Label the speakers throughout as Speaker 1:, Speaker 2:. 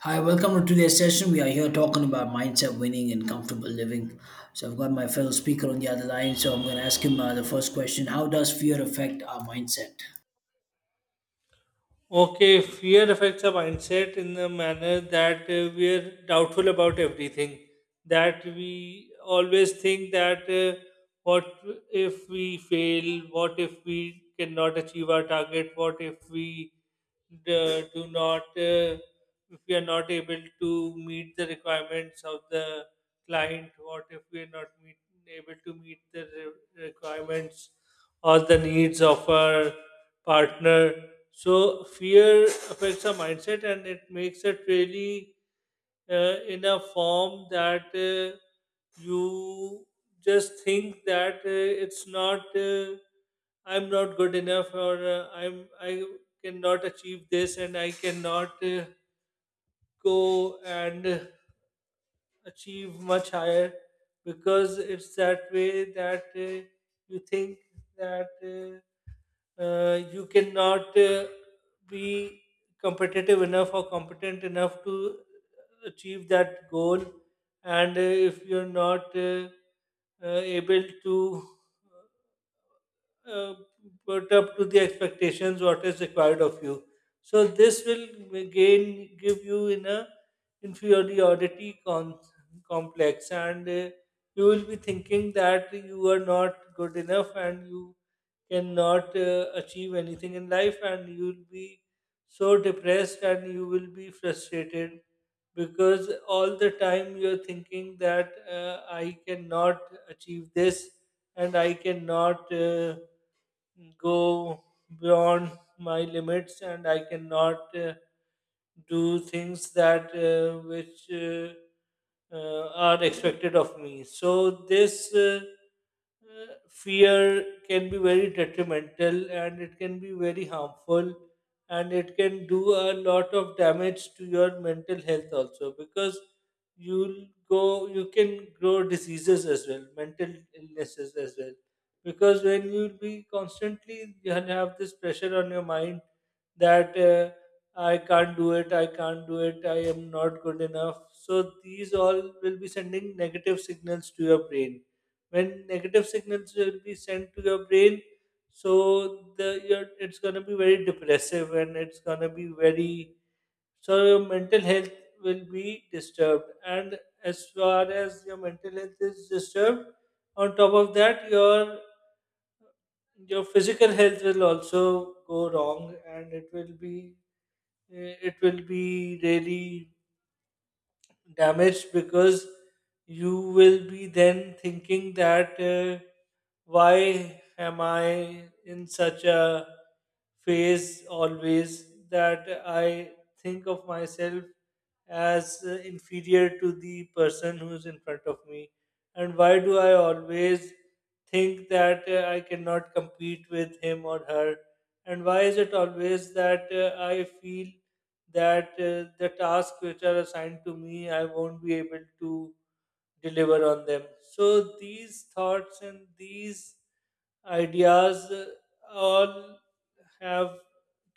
Speaker 1: Hi, welcome to today's session. We are here talking about mindset, winning, and comfortable living. So, I've got my fellow speaker on the other line, so I'm going to ask him the first question. How does fear affect our mindset?
Speaker 2: Okay, fear affects our mindset in the manner that we are doubtful about everything. That we always think that what if we fail? What if we cannot achieve our target? What if we do not, if we are not able to meet the requirements of the client? What if we are not meet, able to meet the requirements or the needs of our partner? So fear affects our mindset and it makes it really in a form that you just think that it's not I'm not good enough, or I cannot achieve this and I cannot go and achieve much higher, because it's that way that you think that you cannot be competitive enough or competent enough to achieve that goal, and if you're not uh, able to uh, put up to the expectations what is required of you. So this will again give you in a inferiority con- complex, and you will be thinking that you are not good enough and you cannot achieve anything in life, and you will be so depressed and you will be frustrated because all the time you're thinking that I cannot achieve this and I cannot go beyond my limits, and I cannot do things that which are expected of me. So this fear can be very detrimental and it can be very harmful, and it can do a lot of damage to your mental health also, because you can grow diseases as well, mental illnesses as well, because when you'll be constantly, you have this pressure on your mind that I can't do it, I can't do it, I am not good enough. So these all will be sending negative signals to your brain. When negative signals will be sent to your brain, so the your it's going to be very depressive and it's going to be very, so your mental health will be disturbed, and as far as your mental health is disturbed, on top of that, your physical health will also go wrong, and it will be it will be really damaged, because you will be then thinking that why am I in such a phase always, that I think of myself as inferior to the person who's in front of me? And why do I always think that I cannot compete with him or her? And why is it always that I feel that the tasks which are assigned to me, I won't be able to deliver on them. So these thoughts and these ideas all have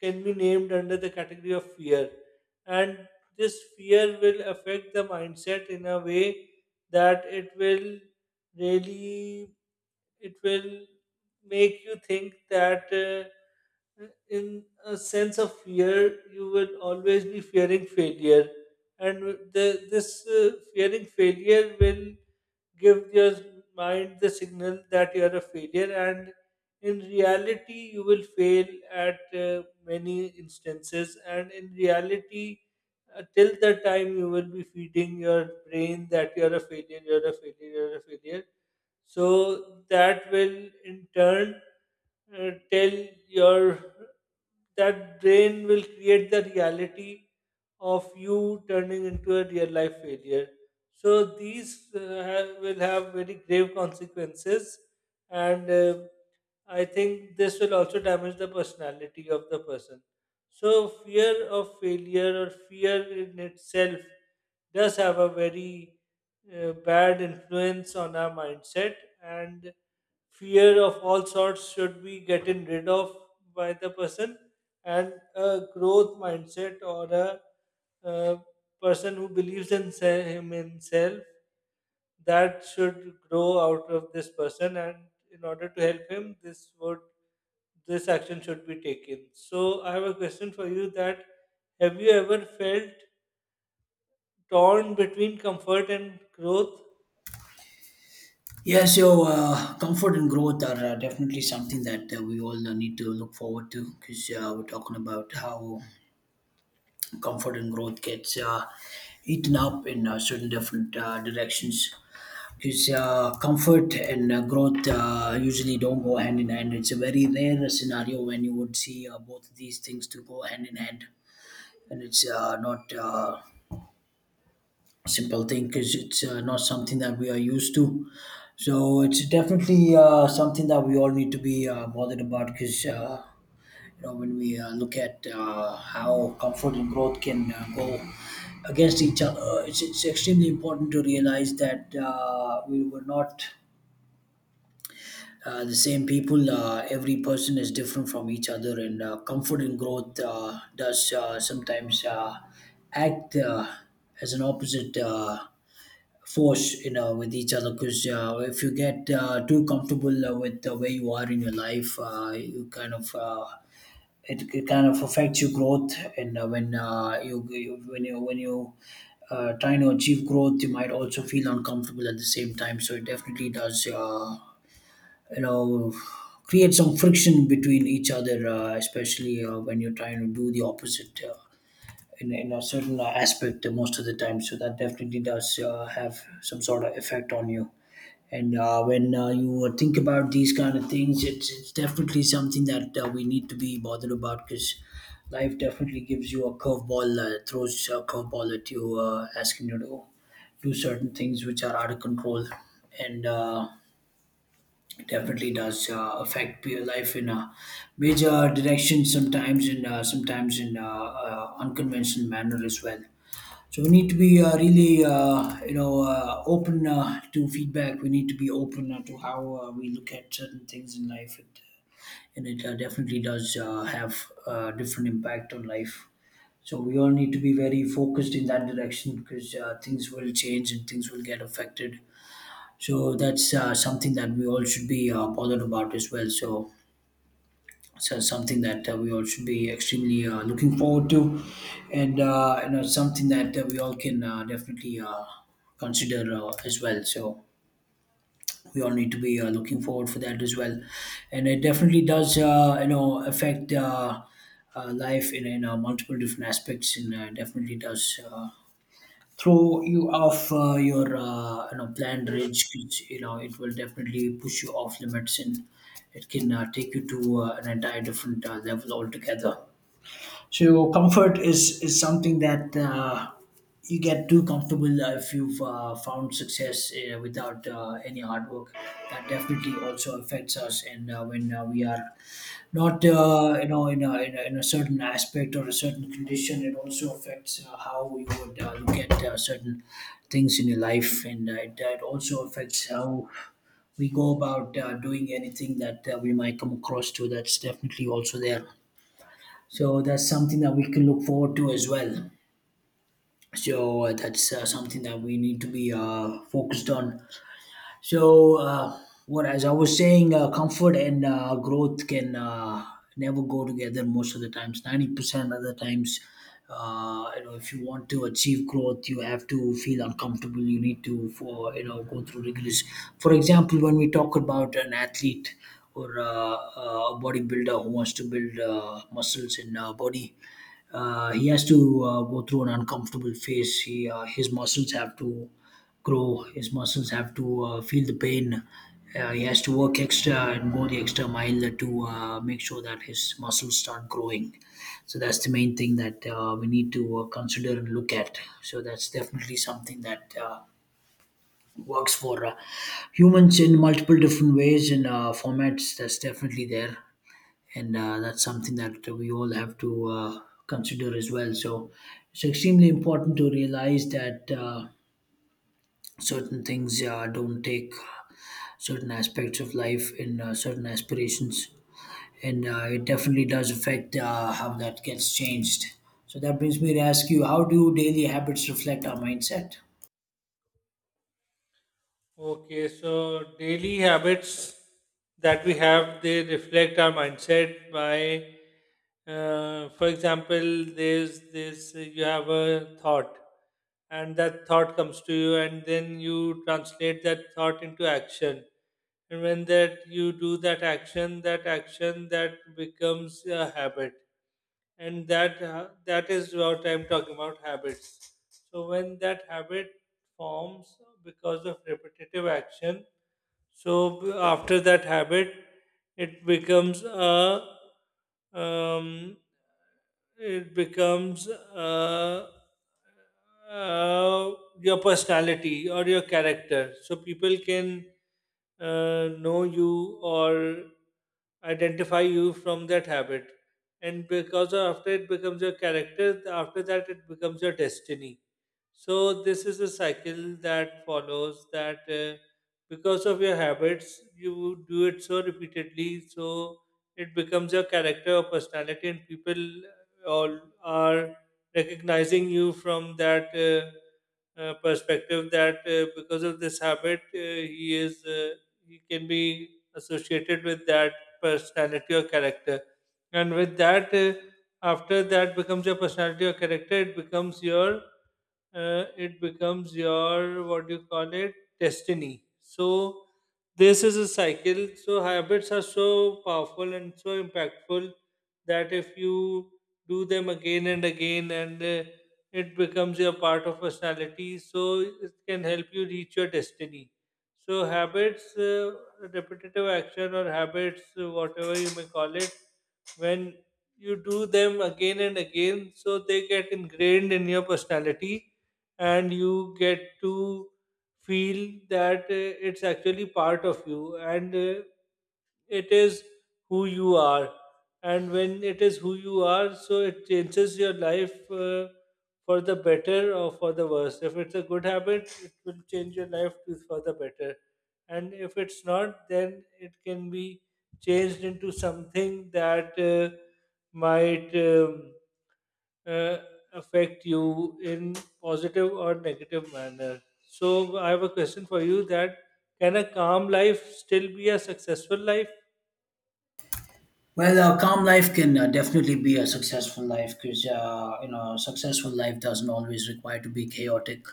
Speaker 2: can be named under the category of fear, and this fear will affect the mindset in a way that it will really, it will make you think that in a sense of fear, you will always be fearing failure, and this fearing failure will give your mind the signal that you are a failure, and in reality you will fail at many instances, and in reality till the time you will be feeding your brain that you're a failure, you're a failure, you're a failure, so that will in turn tell your that brain will create the reality of you turning into a real life failure. So these will have very grave consequences, and I think this will also damage the personality of the person. So, fear of failure or fear in itself does have a very bad influence on our mindset, and fear of all sorts should be getting rid of by the person. And a growth mindset or a uh, person who believes in himself, that should grow out of this person, and in order to help him, this would, this action should be taken. So I have a question for you: that have you ever felt torn between comfort and growth?
Speaker 1: Yeah, so comfort and growth are definitely something that we all need to look forward to, because we're talking about how comfort and growth gets eaten up in certain different directions. Because comfort and growth usually don't go hand in hand. It's a very rare scenario when you would see both of these things to go hand in hand, and it's not a simple thing, because it's not something that we are used to. So it's definitely something that we all need to be bothered about, because when we look at how comfort and growth can go against each other, it's extremely important to realize that we were not the same people. Every person is different from each other, and comfort and growth does sometimes act as an opposite force, with each other. Because if you get too comfortable with where you are in your life, you it kind of affects your growth. And when when you trying to achieve growth, you might also feel uncomfortable at the same time. So it definitely does you know create some friction between each other, especially when you're trying to do the opposite in a certain aspect most of the time. So that definitely does have some sort of effect on you. And when you think about these kind of things, it's definitely something that we need to be bothered about, because life definitely gives you a curveball, throws a curveball at you, asking you to do certain things which are out of control. And definitely does affect your life in a major direction, sometimes in unconventional manner as well. So we need to be really, open to feedback. We need to be open to how we look at certain things in life, and it definitely does have a different impact on life. So we all need to be very focused in that direction, because things will change and things will get affected. So that's something that we all should be bothered about as well. So something that we all should be extremely looking forward to, and something that we all can definitely consider as well. So we all need to be looking forward for that as well, and it definitely does affect life in multiple different aspects, and definitely does throw you off your, planned range, which you know it will definitely push you off limits. And it can take you to an entire different level altogether. So comfort is something that you get too comfortable if you've found success without any hard work, that definitely also affects us. And when we are not in a, in a certain aspect or a certain condition, it also affects how you would look at certain things in your life. And it also affects how we go about doing anything that we might come across to. That's definitely also there. So that's something that we can look forward to as well. So that's something that we need to be focused on. So, what as I was saying, comfort and growth can never go together most of the times. 90% of the times, if you want to achieve growth, you have to feel uncomfortable. You need to, go through rigorous. For example, when we talk about an athlete or a bodybuilder who wants to build muscles in body, he has to go through an uncomfortable phase. His muscles have to grow. His muscles have to feel the pain. He has to work extra and go the extra mile to make sure that his muscles start growing. So that's the main thing that we need to consider and look at. So that's definitely something that works for humans in multiple different ways and formats. That's definitely there, and that's something that we all have to consider as well. So it's extremely important to realize that. Certain things don't take certain aspects of life and certain aspirations, and it definitely does affect how that gets changed. So that brings me to ask you, how do daily habits reflect our mindset?
Speaker 2: Okay, so daily habits that we have, they reflect our mindset by, for example, there's this, you have a thought, and that thought comes to you, and then you translate that thought into action, and when that you do that action, that action that becomes a habit, and that is what I'm talking about, habits. So when that habit forms because of repetitive action, so after that habit, it becomes a um, it becomes uh, your personality or your character. So people can know you or identify you from that habit, and because after it becomes your character, after that it becomes your destiny. So this is a cycle that follows, that because of your habits, you do it so repeatedly, so it becomes your character or personality, and people all are recognizing you from that perspective. That because of this habit, he is uh, he can be associated with that personality or character, and with that, after that becomes your personality or character, it becomes your it becomes your, what do you call it, destiny. So this is a cycle. So habits are so powerful and so impactful that if you do them again and again, and it becomes your part of personality, so it can help you reach your destiny. So habits repetitive action or habits, whatever you may call it, when you do them again and again, so they get ingrained in your personality, and you get to feel that it's actually part of you, and it is who you are. And when it is who you are, so it changes your life for the better or for the worse. If it's a good habit, it will change your life to for the better, and if it's not, then it can be changed into something that might uh, affect you in positive or negative manner. So I have a question for you: that can a calm life still be a successful life?
Speaker 1: Well, a calm life can definitely be a successful life, because successful life doesn't always require to be chaotic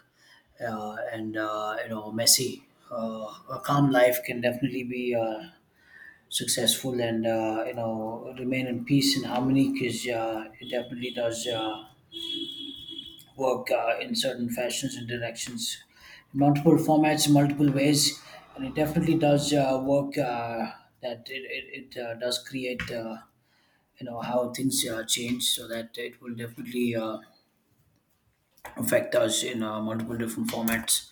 Speaker 1: and, messy. A calm life can definitely be successful and, remain in peace and harmony, because it definitely does work in certain fashions and directions, in multiple formats, in multiple ways. And it definitely does work that it does create, how things change, so that it will definitely affect us in multiple different formats.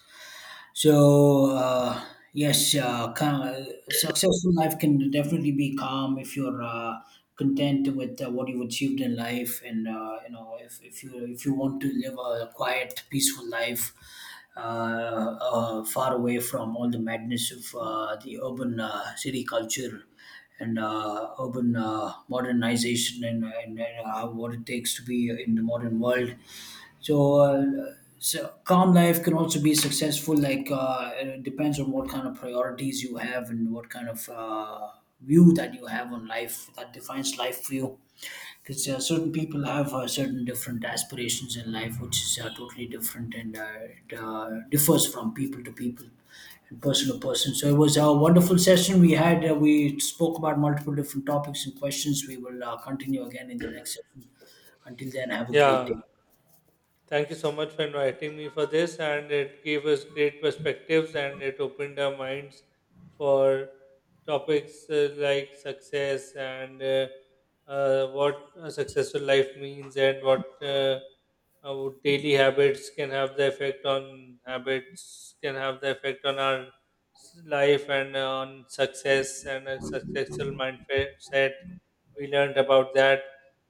Speaker 1: So yes, calm, successful life can definitely be calm if you're content with what you've achieved in life, and, if, if you want to live a quiet, peaceful life, uh, far away from all the madness of the urban city culture and urban modernization, and what it takes to be in the modern world. So, so calm life can also be successful. Like it depends on what kind of priorities you have and what kind of view that you have on life that defines life for you. Because certain people have certain different aspirations in life, which is totally different, and it differs from people to people and person to person. So it was a wonderful session we had. We spoke about multiple different topics and questions. We will continue again in the next session. Until then, have a great
Speaker 2: Yeah.
Speaker 1: day.
Speaker 2: Thank you so much for inviting me for this, and it gave us great perspectives and it opened our minds for topics like success and what a successful life means, and what our daily habits can have the effect on, our life and on success and a successful mindset. We learned about that.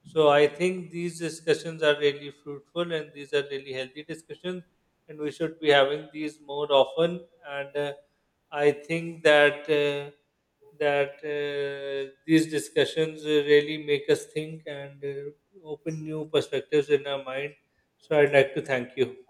Speaker 2: So I think these discussions are really fruitful, and these are really healthy discussions, and we should be having these more often. And I think that these discussions really make us think and open new perspectives in our mind. So I'd like to thank you.